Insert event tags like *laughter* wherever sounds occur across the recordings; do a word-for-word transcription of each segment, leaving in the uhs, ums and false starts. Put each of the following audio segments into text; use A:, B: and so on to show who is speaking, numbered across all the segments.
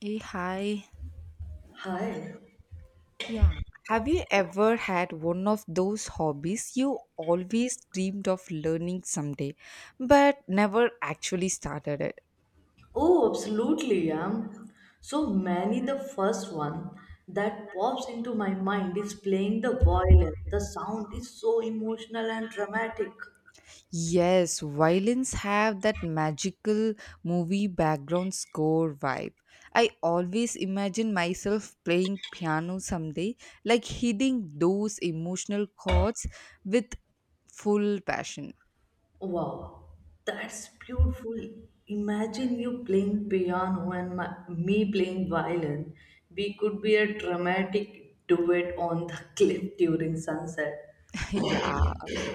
A: Hey, hi.
B: Hi.
A: Yeah. Have you ever had one of those hobbies you always dreamed of learning someday, but never actually started it?
B: Oh, absolutely. Um, so many. The first one that pops into my mind is playing the violin. The sound is so emotional and dramatic.
A: Yes, violins have that magical movie background score vibe. I always imagine myself playing piano someday, like hitting those emotional chords with full passion.
B: Wow, that's beautiful. Imagine you playing piano and my, me playing violin. We could be a dramatic duet on the *laughs* cliff during sunset.
A: Yeah,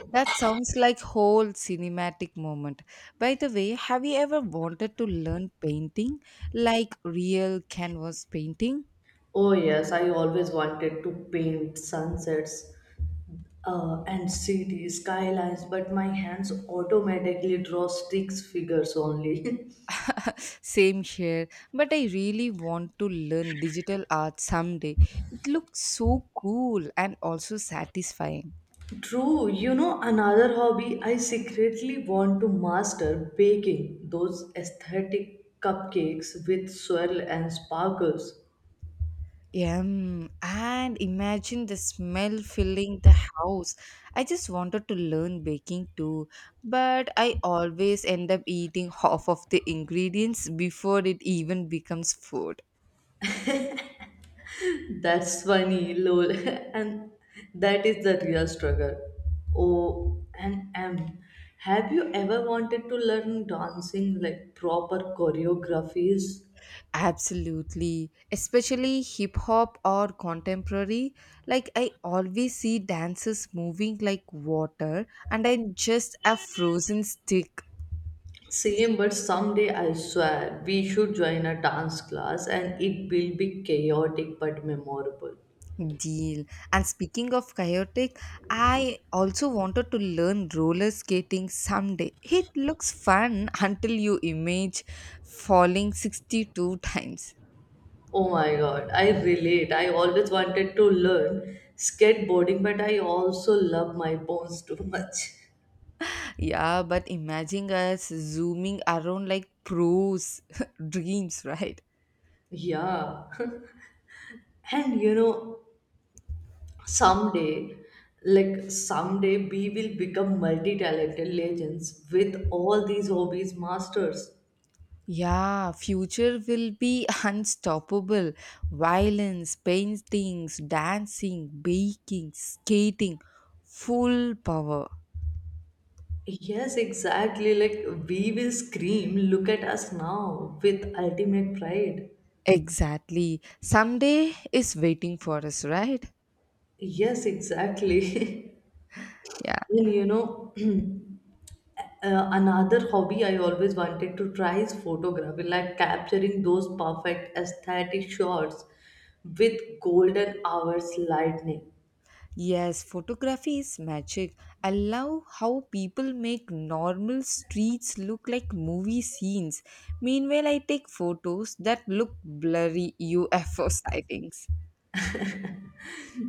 A: that sounds like whole cinematic moment. By the way, have you ever wanted to learn painting, like real canvas painting?
B: Oh yes, I always wanted to paint sunsets uh, and see the skylines, but my hands automatically draw sticks figures only.
A: Same here, but I really want to learn digital art someday. It looks so cool and also satisfying.
B: *laughs* True, you know, another hobby I secretly want to master baking those aesthetic cupcakes with swirl and sparkles.
A: Yum. And imagine the smell filling the house. I just wanted to learn baking too, but I always end up eating *laughs* half of the ingredients before it even becomes food.
B: *laughs* That's funny, lol, *laughs* and that is the real struggle. Oh, and M. Have you ever wanted to learn dancing like proper choreographies?
A: Absolutely. Especially hip hop or contemporary. Like, I always see dancers moving like water, and I'm just a frozen stick.
B: Same, but someday I swear we should join a dance class and it will be chaotic but memorable.
A: Deal. And speaking of chaotic, I also wanted to learn roller skating someday. It looks fun *laughs* until you image falling sixty-two times.
B: Oh my god, I relate. I always wanted to learn skateboarding, but I also love my bones too much.
A: Yeah, but imagine us zooming around like pros *laughs* dreams, right?
B: Yeah. *laughs* And you know, someday, like someday, we will become multi talented legends with all these hobbies masters.
A: Yeah, future will be *laughs* unstoppable. Violence, paintings, dancing, baking, skating, full power.
B: Yes, exactly. Like we will scream, look at us now with ultimate pride.
A: Exactly. Someday is waiting for us, right?
B: Yes, exactly.
A: Yeah.
B: *laughs* And you know, *clears throat* uh, another hobby I always wanted to try is photography, like capturing those perfect aesthetic shots with golden hours lightning.
A: Yes, photography is magic. I love how people make normal streets look like movie scenes. Meanwhile, I take photos that look blurry U F O *laughs* sightings.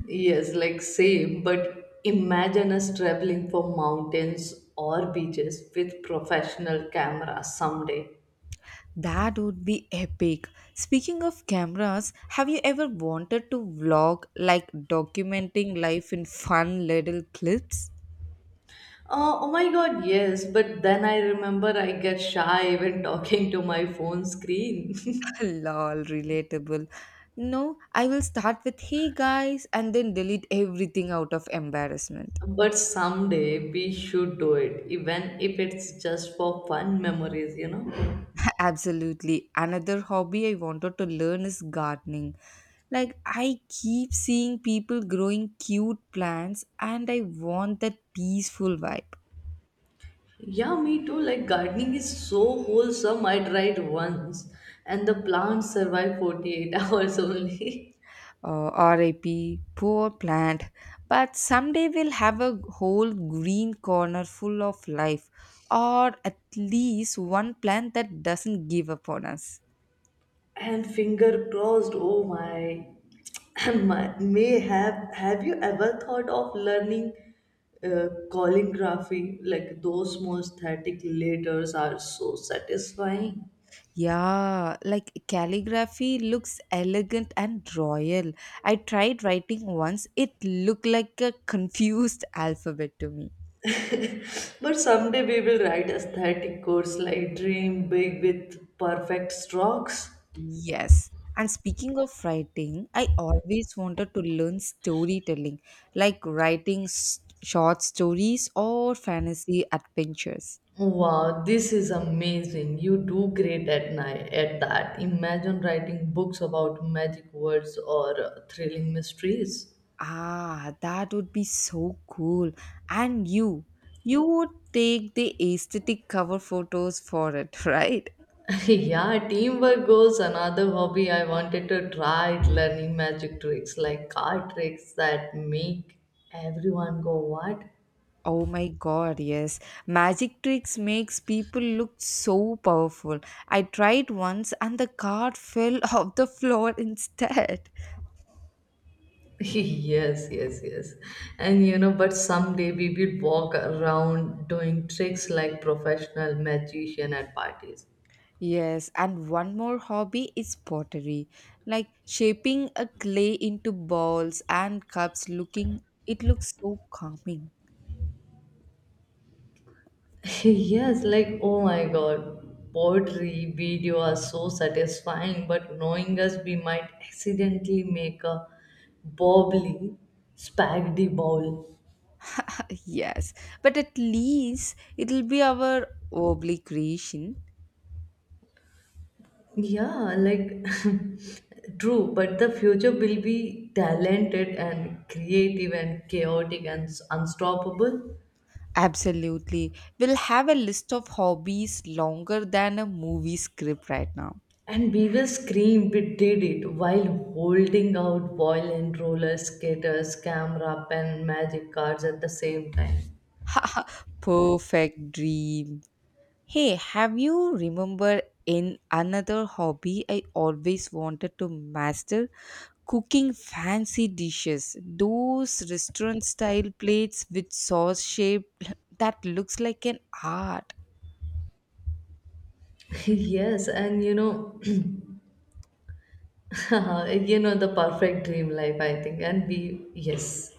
B: Yes, like same, but imagine us traveling for mountains or beaches with professional cameras someday.
A: That would be epic. Speaking of cameras, have you ever wanted to vlog like documenting life in fun little clips?
B: Uh, oh my god, yes, but then I remember I get shy when talking to my phone screen.
A: *laughs*
B: *laughs*
A: Lol, relatable. No, I will start with hey guys and then delete everything out of embarrassment.
B: But someday we should do it, even if it's just for fun memories, you know?
A: *laughs* Absolutely. Another hobby I wanted to learn is gardening. Like, I keep seeing people growing cute plants and I want that peaceful vibe.
B: Yeah, me too. Like, gardening is so wholesome. I tried once, and the plants survive forty-eight hours only. *laughs*
A: Uh, RIP, poor plant. But someday we'll have a whole green corner full of life, or at least one plant that doesn't give up on us.
B: And finger crossed oh my *tsk* My- may have have you ever thought of learning uh, calligraphy like those small static letters are so satisfying.
A: Yeah, like calligraphy looks elegant and royal. I tried writing once, it looked like a confused *laughs* alphabet to me.
B: But someday we will write aesthetic codes like dream big with perfect strokes.
A: Yes. And speaking of writing, I always wanted to learn storytelling, like writing s short stories or fantasy adventures.
B: Wow, this is amazing. You do great at night at that. Imagine writing books about magic words or uh, thrilling mysteries.
A: Ah, that would be so cool. And you, you would take the aesthetic cover photos for it, *laughs* right?
B: *laughs* Yeah, teamwork goes another hobby. I wanted to try it, learning magic tricks like card tricks that make everyone go, what?
A: Oh my god, yes. Magic tricks makes people look so powerful. I tried once and the card fell *laughs* off the floor instead.
B: *laughs* Yes, yes, yes. And you know, but someday we will walk around doing tricks like professional magician at parties.
A: Yes, and one more hobby is pottery. Like shaping a clay into balls and cups looking it looks so calming.
B: *laughs* Yes, like oh my god, poetry video are so satisfying, but knowing us, we might accidentally make a bobbly spaghetti bowl.
A: *laughs* Yes, but at least it'll be our wobbly creation.
B: Yeah, like *laughs* true, but the future will be talented and creative and chaotic and s- unstoppable.
A: Absolutely. We'll have a list of hobbies longer than a movie script right now.
B: And we will scream, we did it, while holding out violent roller skaters, camera, pen, magic cards at the same time.
A: *laughs* Perfect dream. Hey, have you remember in another hobby I always wanted to master? Cooking fancy dishes. Those restaurant style plates with sauce shape *laughs* that looks like an art.
B: *laughs* Yes, and you know, *laughs* you know, the perfect dream life, I think. And we, yes.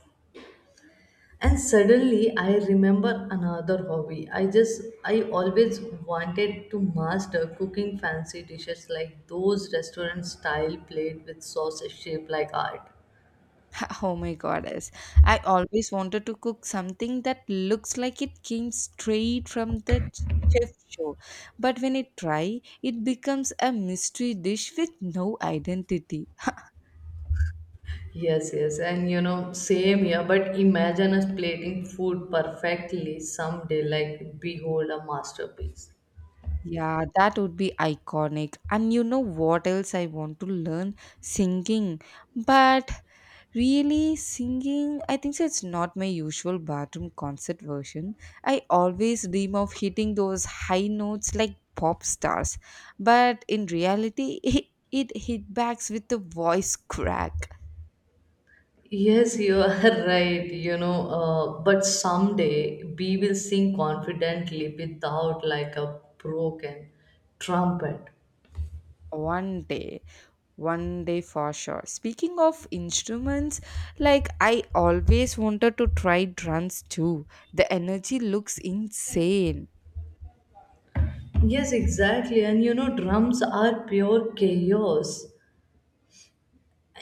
B: And suddenly I remember another hobby i just i always wanted to master cooking fancy dishes like those restaurant style plate with sausage shaped like art.
A: *laughs* Oh my goddess. I always wanted to cook something that looks like it came straight from the ch- chef show. But when I try, it becomes a mystery dish with no identity.
B: Yes, yes, and you know, same here, but imagine us plating food perfectly someday like behold a masterpiece.
A: Yeah, that would be iconic. And you know what else I want to learn? Singing. But really, singing, I think so it's not my usual bathroom concert version. I always dream of hitting those high notes like pop stars. But in reality, *laughs* it, it hit backs with a voice crack.
B: Yes, you are *laughs* right. You know, uh, but someday we will sing confidently without like a broken trumpet.
A: One day, one day for sure. Speaking of instruments, like I always wanted to try drums too. The energy looks insane.
B: Yes, exactly. And you know, drums are pure chaos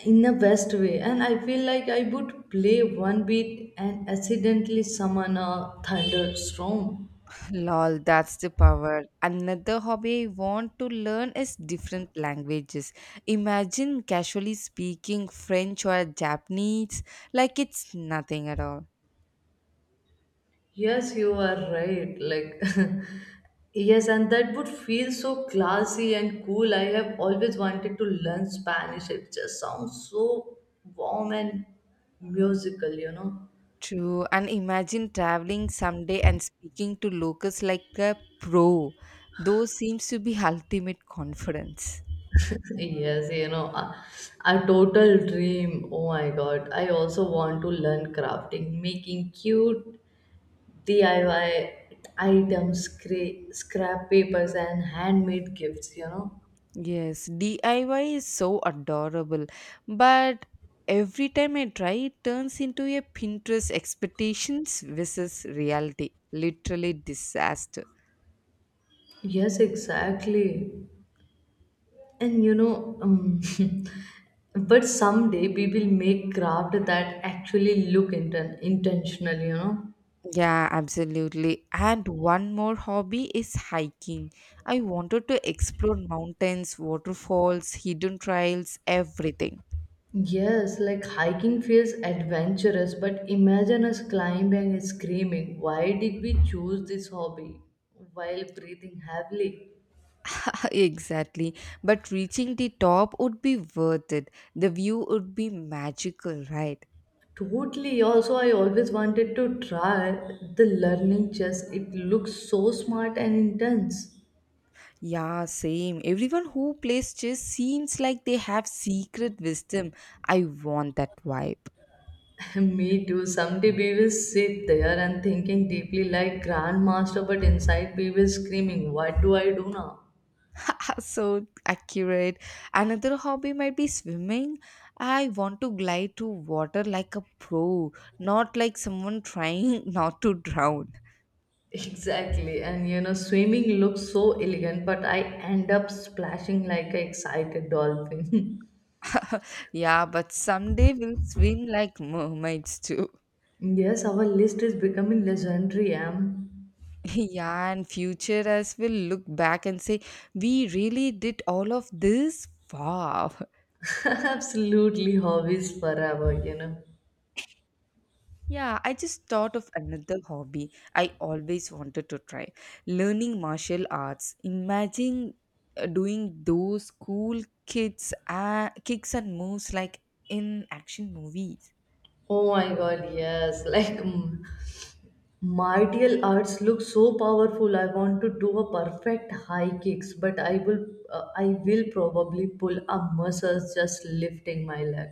B: in a best way. And I feel like I would play one beat and accidentally summon a thunderstorm.
A: Lol, that's the power. Another hobby I want to learn is different languages. Imagine casually speaking French or Japanese like it's nothing at all.
B: Yes, you are right. Like, *laughs* yes, and that would feel so classy and cool. I have always wanted to learn Spanish. It just sounds so warm and musical, you know.
A: True, and imagine traveling someday and speaking to locals like a pro. Those seems to be ultimate confidence.
B: Yes, you know, a, a total dream. Oh my God. I also want to learn crafting, making cute D I Y items, scra- scrap papers, and handmade gifts, you know.
A: Yes, D I Y is so adorable, but every time I try, it turns into a Pinterest expectations versus reality. Literally disaster.
B: Yes, exactly. And you know, um, *laughs* but someday we will make craft that actually look inten- intentional, you know.
A: Yeah, absolutely. And one more hobby is hiking. I wanted to explore mountains, waterfalls, hidden trails, everything.
B: Yes, like hiking feels adventurous, but imagine us climbing and screaming. Why did we choose this hobby? While breathing heavily.
A: *laughs* Exactly. But reaching the top would be worth it. The view would be magical, right?
B: Totally. Also, I always wanted to try the learning chess. It looks so smart and intense.
A: Yeah, same. Everyone who plays chess seems like they have secret wisdom. I want that vibe.
B: *laughs* Me too. Someday we will sit there and thinking deeply like grandmaster, but inside we will screaming, what do I do now?
A: *laughs* So accurate. Another hobby might be swimming. I want to glide to water like a pro, not like someone trying *laughs* not to drown.
B: Exactly, and you know, swimming looks so elegant, but I end up splashing like an excited dolphin.
A: Yeah, but someday we'll swim like mermaids too.
B: *laughs* Yes, our list is becoming legendary. Am.
A: *laughs* Yeah, and future us will look back and say, we really did all of this. Wow.
B: *laughs* Absolutely hobbies forever, you know.
A: Yeah, I just thought of another hobby I always wanted to try learning martial arts. Imagine uh, doing those cool kids, uh, kicks and moves like in action movies.
B: Oh my god, yes, *laughs* like mm, martial arts look so powerful. I want to do a perfect high kicks, but I will, uh, I will probably pull a muscle just lifting my leg.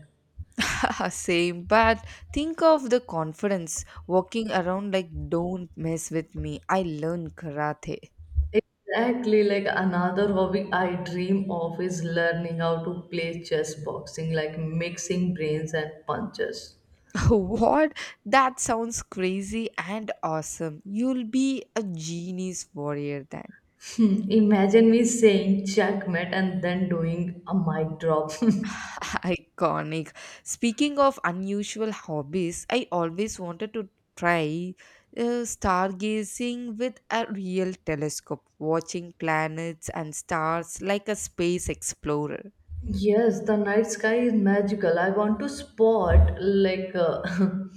A: *laughs* Same, but think of the confidence walking around like, don't mess with me. I learned karate.
B: Exactly, like another hobby I dream of is learning how to play chess boxing, like mixing brains and punches.
A: *laughs* What? That sounds crazy and awesome. You'll be a genius warrior then.
B: Hmm, imagine me saying checkmate and then doing a mic drop. *laughs*
A: *laughs* Iconic. Speaking of unusual hobbies, I always wanted to try uh, stargazing with a real telescope, watching planets and stars like a space explorer.
B: Yes, the night sky is magical. I want to spot like uh,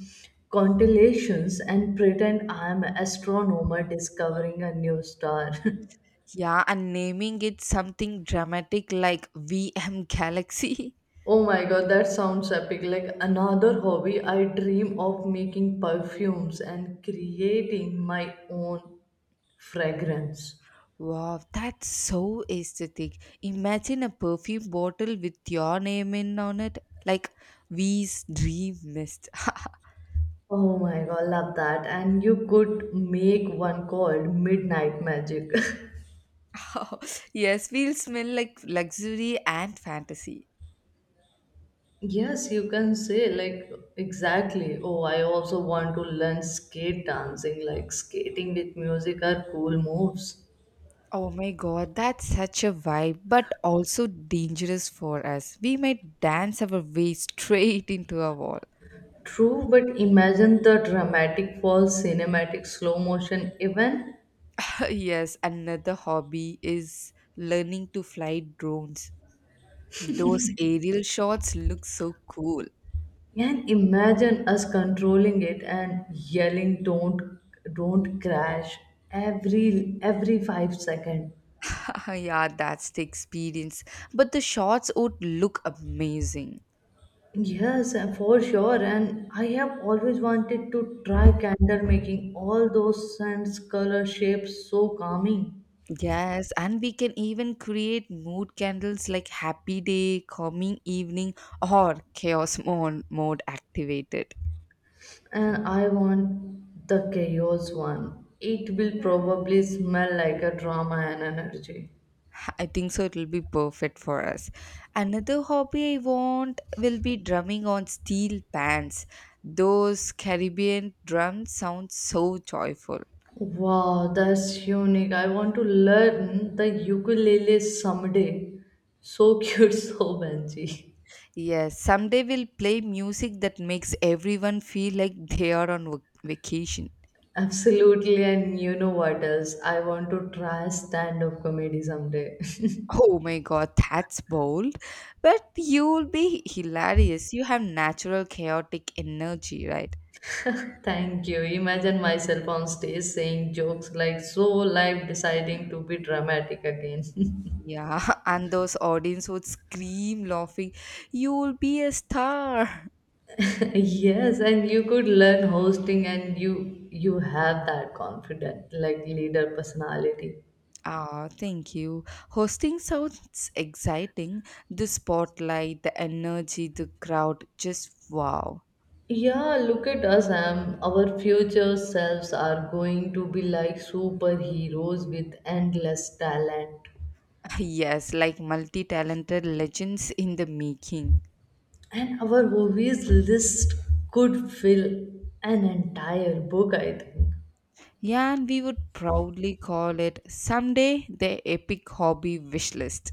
B: *laughs* constellations and pretend I am an astronomer discovering a new star. *laughs*
A: Yeah, and naming it something dramatic like V M Galaxy. *laughs*
B: Oh my god, that sounds epic. Like another hobby, I dream of making perfumes and creating my own fragrance.
A: Wow, that's so aesthetic. Imagine a perfume bottle with your name in on it. Like V's dream mist.
B: Oh my god, love that. And you could make one called Midnight Magic. *laughs*
A: *laughs* Yes, we'll smell like luxury and fantasy.
B: Yes, you can say like exactly. Oh, I also want to learn skate dancing, like skating with music are cool moves.
A: Oh my god, that's such a vibe, but also dangerous for us. We might dance our way straight into a wall.
B: True, but imagine the dramatic falls, cinematic slow motion event.
A: *laughs* Yes, another hobby is learning to fly drones. Those aerial shots look so cool.
B: And imagine us controlling it and yelling, "Don't, don't crash!" every every five second.
A: *laughs* Yeah, that's the experience. But the shots would look amazing.
B: Yes, uh, for sure. And I have always wanted to try candle making. All those scents, color, shapes, so calming.
A: Yes, and we can even create mood candles like happy day, calming evening, or chaos mode, mode activated.
B: And I want the chaos one. It will probably smell like a drama and energy.
A: I think so, it'll be perfect for us. Another hobby I want will be drumming on steel pans. Those Caribbean drums sound so joyful.
B: Wow, that's unique. I want to learn the ukulele someday. So cute, *laughs* so Benji.
A: Yes, someday we'll play music that makes everyone feel like they are on vac- vacation.
B: Absolutely, and you know what else? I want to try stand-up comedy someday.
A: Oh my god, that's bold. But you'll be hilarious. You have natural chaotic energy, right?
B: *laughs* Thank you. Imagine myself on stage saying jokes like so live, deciding to be dramatic again. *laughs*
A: Yeah, *laughs* and those audience would scream laughing, you'll be a star.
B: Yes, and you could learn hosting and you you have that confident like leader personality.
A: Ah, thank you. Hosting sounds exciting. The spotlight, the energy, the crowd, just wow.
B: Yeah, look at us, Am. Our future selves are going to be like superheroes with endless talent.
A: Yes, like multi talented legends in the making.
B: And our movies list could fill an entire book, I think.
A: Yeah, and we would proudly call it someday the epic hobby wish list.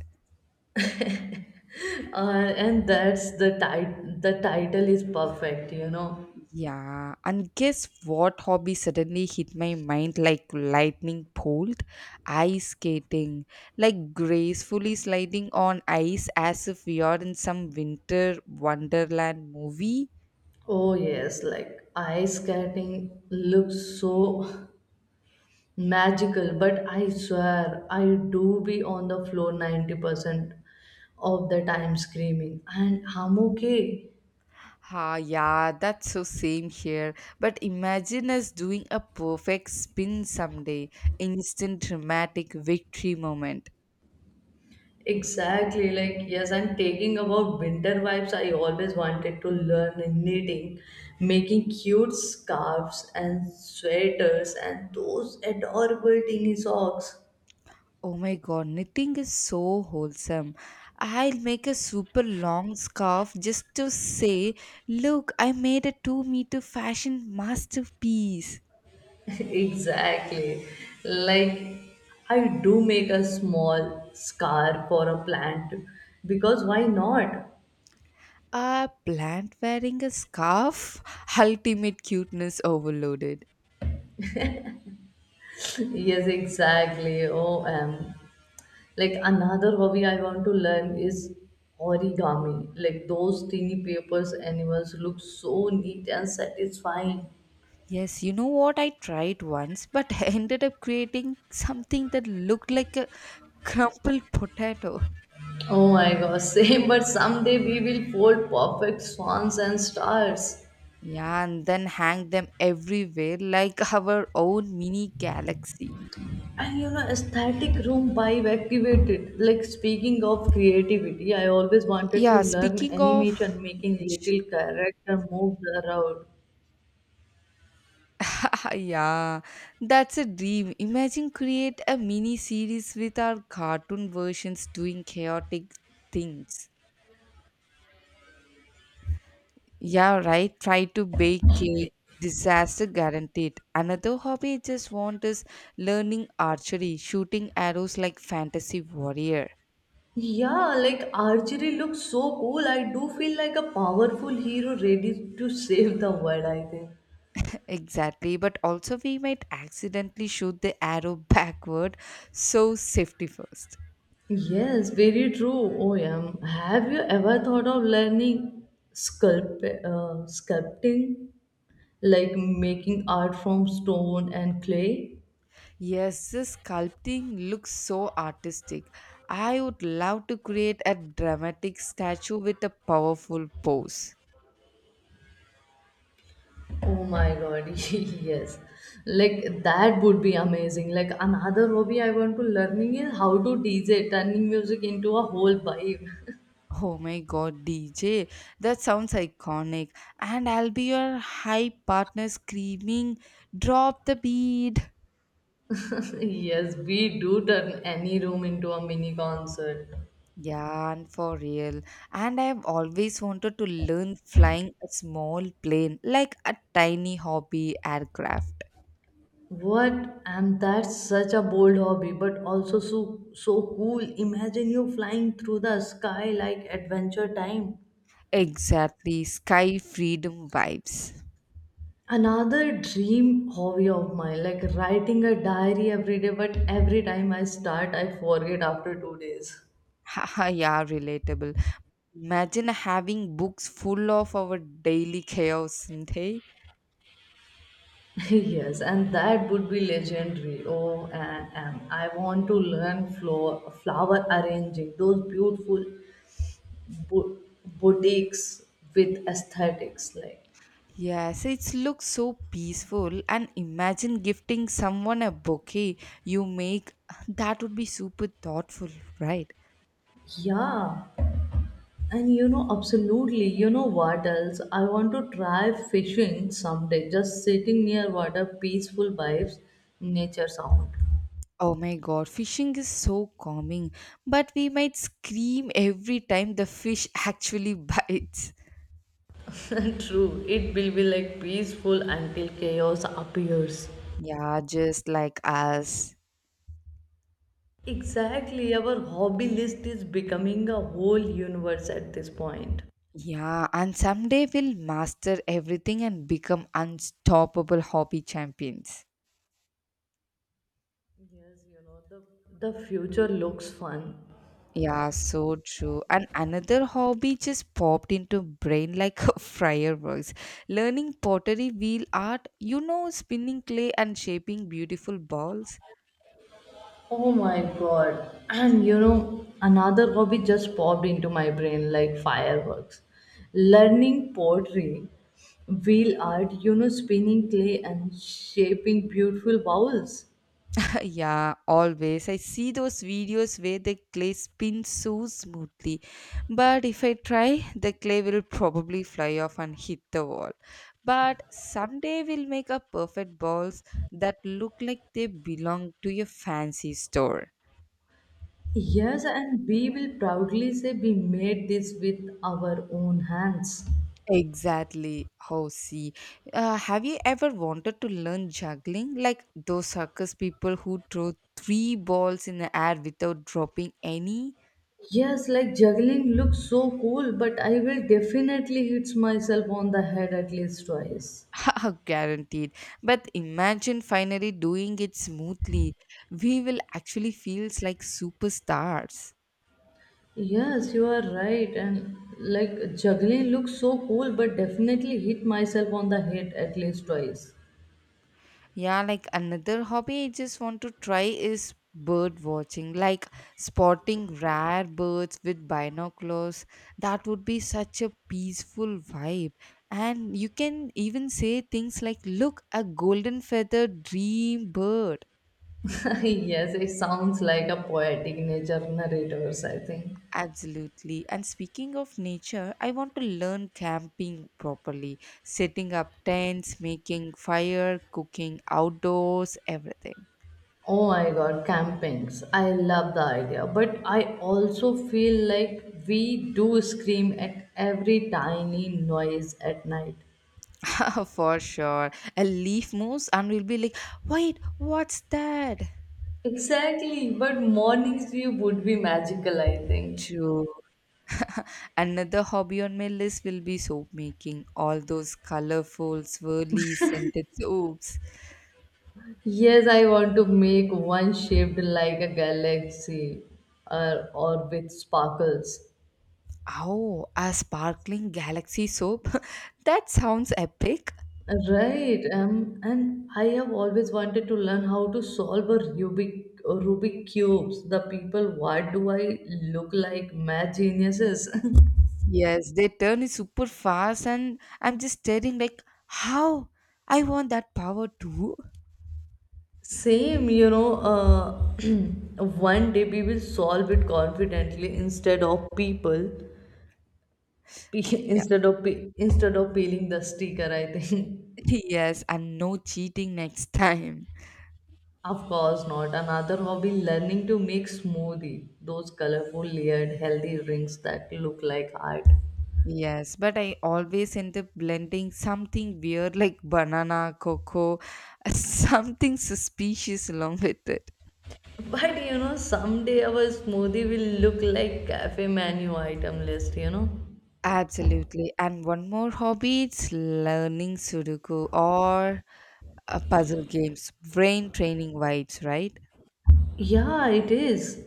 B: Uh, and that's the title. The title is perfect, you know.
A: Yeah, and guess what hobby suddenly hit my mind like lightning bolt? Ice skating, like gracefully sliding on ice as if we are in some winter wonderland movie.
B: Oh yes, like ice skating looks so magical, but I swear I do be on the floor ninety percent of the time screaming and I'm okay.
A: Ah, yeah, that's so same here. But imagine us doing a perfect spin someday, instant dramatic victory moment.
B: Exactly, like yes, I'm taking about winter vibes. I always wanted to learn in knitting, making cute scarves and sweaters and those adorable teeny socks.
A: Oh my god, knitting is so wholesome. I'll make a super long scarf just to say, look, I made a 2 meter fashion masterpiece.
B: *laughs* Exactly, like I do make a small scarf for a plant because why not?
A: A plant wearing a scarf? Ultimate cuteness overloaded.
B: Yes, exactly. Oh, O M. Like another hobby I want to learn is origami. Like those tiny papers animals look so neat and satisfying.
A: Yes, you know what? I tried once, but *laughs* I ended up creating something that looked like a crumpled potato.
B: Oh my gosh, *laughs* same, but someday we will fold perfect swans and stars.
A: Yeah, and then hang them everywhere like *laughs* our own mini galaxy.
B: And you know, aesthetic room vibe activated. Like speaking of creativity, I always wanted to
A: Yeah,
B: learn
A: speaking of
B: animation, making
A: which,
B: little character moves around.
A: *laughs* yeah, that's a dream. Imagine create a mini series with our cartoon versions doing chaotic things. Yeah, right. Try to bake cake. Disaster guaranteed. Another hobby I just want is learning archery, shooting arrows like fantasy warrior.
B: Yeah, like archery looks so cool. I do feel like a powerful hero ready to save the world, I think.
A: *laughs* Exactly, but also we might accidentally shoot the arrow *laughs* backward, so safety first.
B: Yes, very true, O M. Have you ever thought of learning sculpt, uh, sculpting? Like making art from stone and clay?
A: Yes, this sculpting looks so artistic. I would love to create a dramatic statue with a powerful pose.
B: Oh my god, *laughs* yes. Like that would be amazing. Like another hobby I want to learning is how to D J, turning music into a whole vibe.
A: Oh my god, D J, that sounds iconic. And I'll be your hype partner screaming, drop the beat.
B: Yes, we do turn any room into a mini concert.
A: Yeah, and for real. And I've always wanted to learn flying a small plane, like a tiny hobby aircraft.
B: What? And that's such a bold hobby, but also so, so cool. Imagine you flying through the sky like Adventure Time.
A: Exactly, sky freedom vibes.
B: Another dream hobby of mine, like writing a diary every day, but every time I start, I forget after two days.
A: *laughs* Haha, yeah, relatable. Imagine having books full of our daily chaos, and hey?
B: *laughs* Yes, and that would be legendary. Oh, and, and I want to learn flower, flower arranging, those beautiful bo- boutiques with aesthetics like.
A: Yes, it looks so peaceful. And imagine gifting someone a bouquet you make. That would be super thoughtful, right?
B: Yeah, and you know, absolutely. You know what else? I want to try fishing someday, just sitting near water, peaceful vibes, nature sound. *laughs*
A: Oh my god, fishing is so calming. But we might scream every time the fish actually *laughs* bites.
B: True, it will be like peaceful until chaos appears.
A: Yeah, just like us.
B: Exactly, our hobby list is becoming a whole universe at this point.
A: Yeah, and someday we'll master everything and become unstoppable hobby champions.
B: Yes, you know, the, the future looks fun.
A: Yeah, so true. And another hobby just popped into brain like *laughs* fireworks. Learning pottery, wheel art, you know, spinning clay and shaping beautiful balls.
B: Oh my god. And you know, another hobby just popped into my brain like fireworks. Learning pottery, wheel art, you know, spinning clay and shaping beautiful bowls.
A: *laughs* Yeah, always. I see those videos where the clay spins so smoothly. But if I try, the clay will probably fly off and hit the wall. But someday we'll make a perfect balls that look like they belong to a fancy store.
B: Yes, and we will proudly say we made this with our own hands.
A: Exactly. Oh, see. Uh, have you ever wanted to learn juggling? Like those circus people who throw three balls in the air without dropping any?
B: Yes, like juggling looks so cool, but I will definitely hit myself on the head at least twice.
A: *laughs* Guaranteed. But imagine finally doing it smoothly. We will actually feels like superstars.
B: Yes, you are right. And like juggling looks so cool, but definitely hit myself on the head at least twice.
A: Yeah, like another hobby I just want to try is bird watching, like spotting rare birds with binoculars. That would be such a peaceful vibe. And you can even say things like, look, a golden feathered dream bird.
B: *laughs* Yes, it sounds like a poetic nature narrators, I think.
A: Absolutely. And speaking of nature, I want to learn camping properly, setting up tents, making fire, cooking outdoors, everything.
B: Oh my god, campings. I love the idea, but I also feel like we do scream at every tiny noise at night.
A: *laughs* For sure. A leaf moves and we'll be like, wait, what's that?
B: Exactly, but mornings view would be magical, I think.
A: True. *laughs* Another hobby on my list will be soap making. All those colorful, swirly, scented soaps.
B: Yes, I want to make one shaped like a galaxy or, or with sparkles.
A: Oh, a sparkling galaxy soap? *laughs* That sounds epic.
B: Right, um, and I have always wanted to learn how to solve a Rubik, a Rubik cubes. The people, what do I look like? Math geniuses. *laughs*
A: Yes, they turn it super fast, and I'm just staring like, how? I want that power too.
B: Same, you know, uh, *clears throat* one day we will solve it confidently instead of people, *laughs*
A: Yeah.
B: instead of pe- instead of peeling the sticker, I think.
A: *laughs* Yes, and no cheating next *laughs* time.
B: Of course not. Another hobby, learning to make smoothie. Those colorful layered healthy drinks that look like art.
A: Yes, but I always end up blending something weird like banana, cocoa, *laughs* something suspicious along with it.
B: But you know, someday our smoothie will look like cafe menu item list, you know?
A: Absolutely. And one more hobby, it's learning Sudoku or uh, puzzle games, brain training vibes, right?
B: Yeah, it is.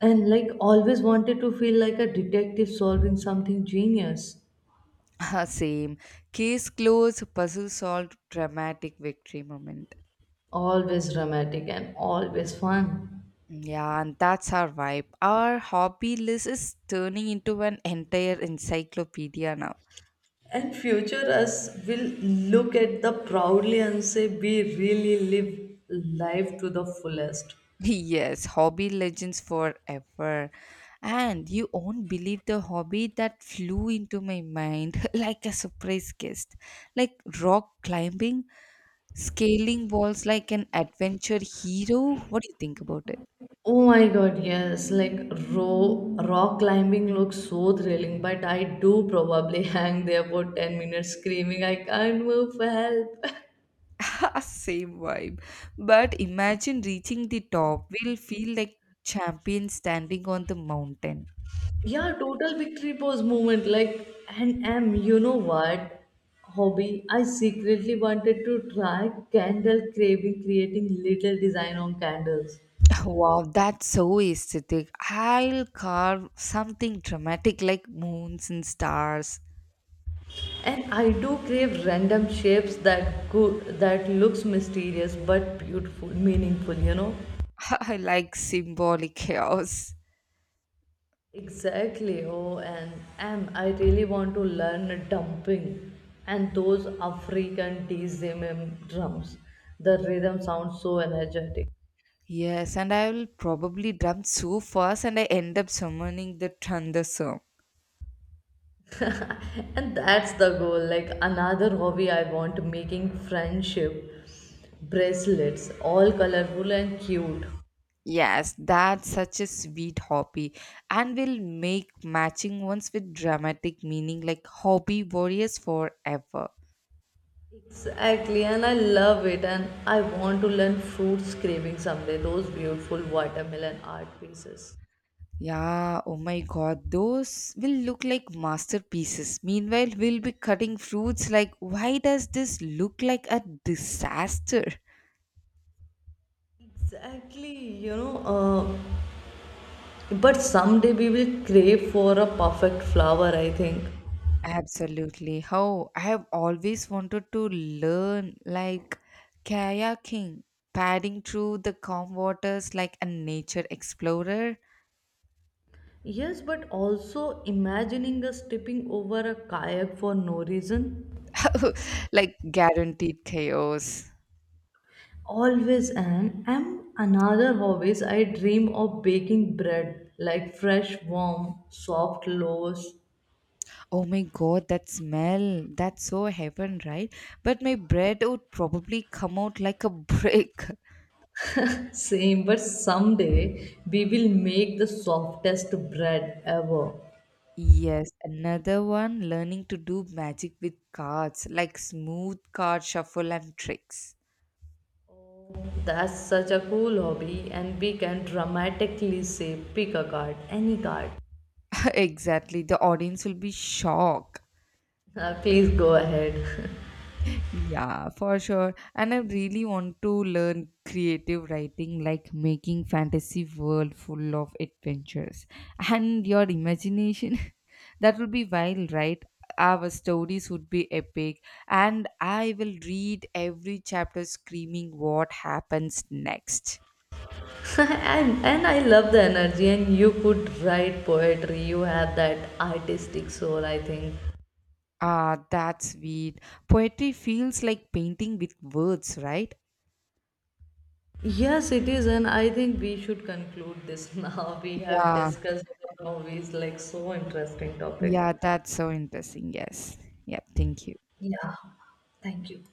B: And like always wanted to feel like a detective solving something genius.
A: *laughs* Same. Case closed, puzzle solved, dramatic victory moment.
B: Always dramatic and always fun.
A: Yeah, and that's our vibe. Our hobby list is turning into an entire encyclopedia now.
B: And future us will look at the proudly and say we really live life to the fullest.
A: *laughs* Yes, hobby legends forever. And you won't believe the hobby that flew into my mind *laughs* like a surprise guest. Like rock climbing, scaling walls like an adventure hero. What do you think about it?
B: Oh my god, yes. Like row, rock climbing looks so thrilling, but I do probably *laughs* hang there for ten minutes screaming, I can't move for help.
A: *laughs* Same vibe. But imagine reaching the top. We'll feel like champions standing on the mountain.
B: *laughs* Yeah, total victory pose moment. Like, and am, you know what? Hobby I secretly wanted to try candle craving, creating little design on candles.
A: *laughs* Wow, that's so aesthetic. I'll carve something dramatic like moons and stars.
B: And I do crave random shapes that could that looks mysterious but beautiful, meaningful, you know.
A: *laughs* I like symbolic chaos.
B: Exactly. Oh, and am, I really want to learn dumping and those African D Z M M drums. The rhythm sounds so energetic,
A: Yes, and I will probably drum so fast and I end up summoning the thunderstorm.
B: and that's the goal. Like another hobby, I want making friendship bracelets, all colorful and cute.
A: Yes, that's such a sweet hobby and will make matching ones with dramatic meaning like hobby warriors forever.
B: Exactly, and I love it, and I want to learn fruit scraping someday. Those beautiful watermelon art pieces.
A: Yeah, oh my god, those will look like masterpieces. Meanwhile, we'll be cutting fruits like, why does this look like a disaster?
B: Exactly, you know, uh, but someday we will crave for a perfect flower, I think.
A: Absolutely. How I have always wanted to learn like kayaking, paddling through the calm waters like a nature explorer.
B: Yes, but also imagining us tipping over a kayak for no reason.
A: *laughs* Like guaranteed chaos.
B: Always and am, another hobbies I dream of baking bread like fresh, warm, soft loaves.
A: Oh my god, that smell. That's so heaven, right? But my bread would probably come out like a brick. *laughs*
B: Same, but someday we will make the softest bread ever.
A: Yes, another one learning to do magic with cards, like smooth card shuffle and tricks.
B: Oh, that's such a cool hobby, and we can dramatically say pick a card, any card.
A: *laughs* Exactly. The audience will be shocked.
B: Uh, please go ahead.
A: Yeah, for sure. And I really want to learn creative writing, like making fantasy world full of adventures. And your imagination, *laughs* that would be wild, right? Our stories would be epic, and I will read every chapter screaming what happens next.
B: *laughs* and and I love the energy. And you could write poetry. You have that artistic soul. I think.
A: Ah, that's sweet. Poetry feels like painting with words, right?
B: Yes, it is. And I think we should conclude this *laughs* now. We have
A: Yeah,
B: discussed about movies like so interesting
A: yeah,
B: topic.
A: that's so interesting. Yes. Yeah, thank you.
B: Yeah. Thank you.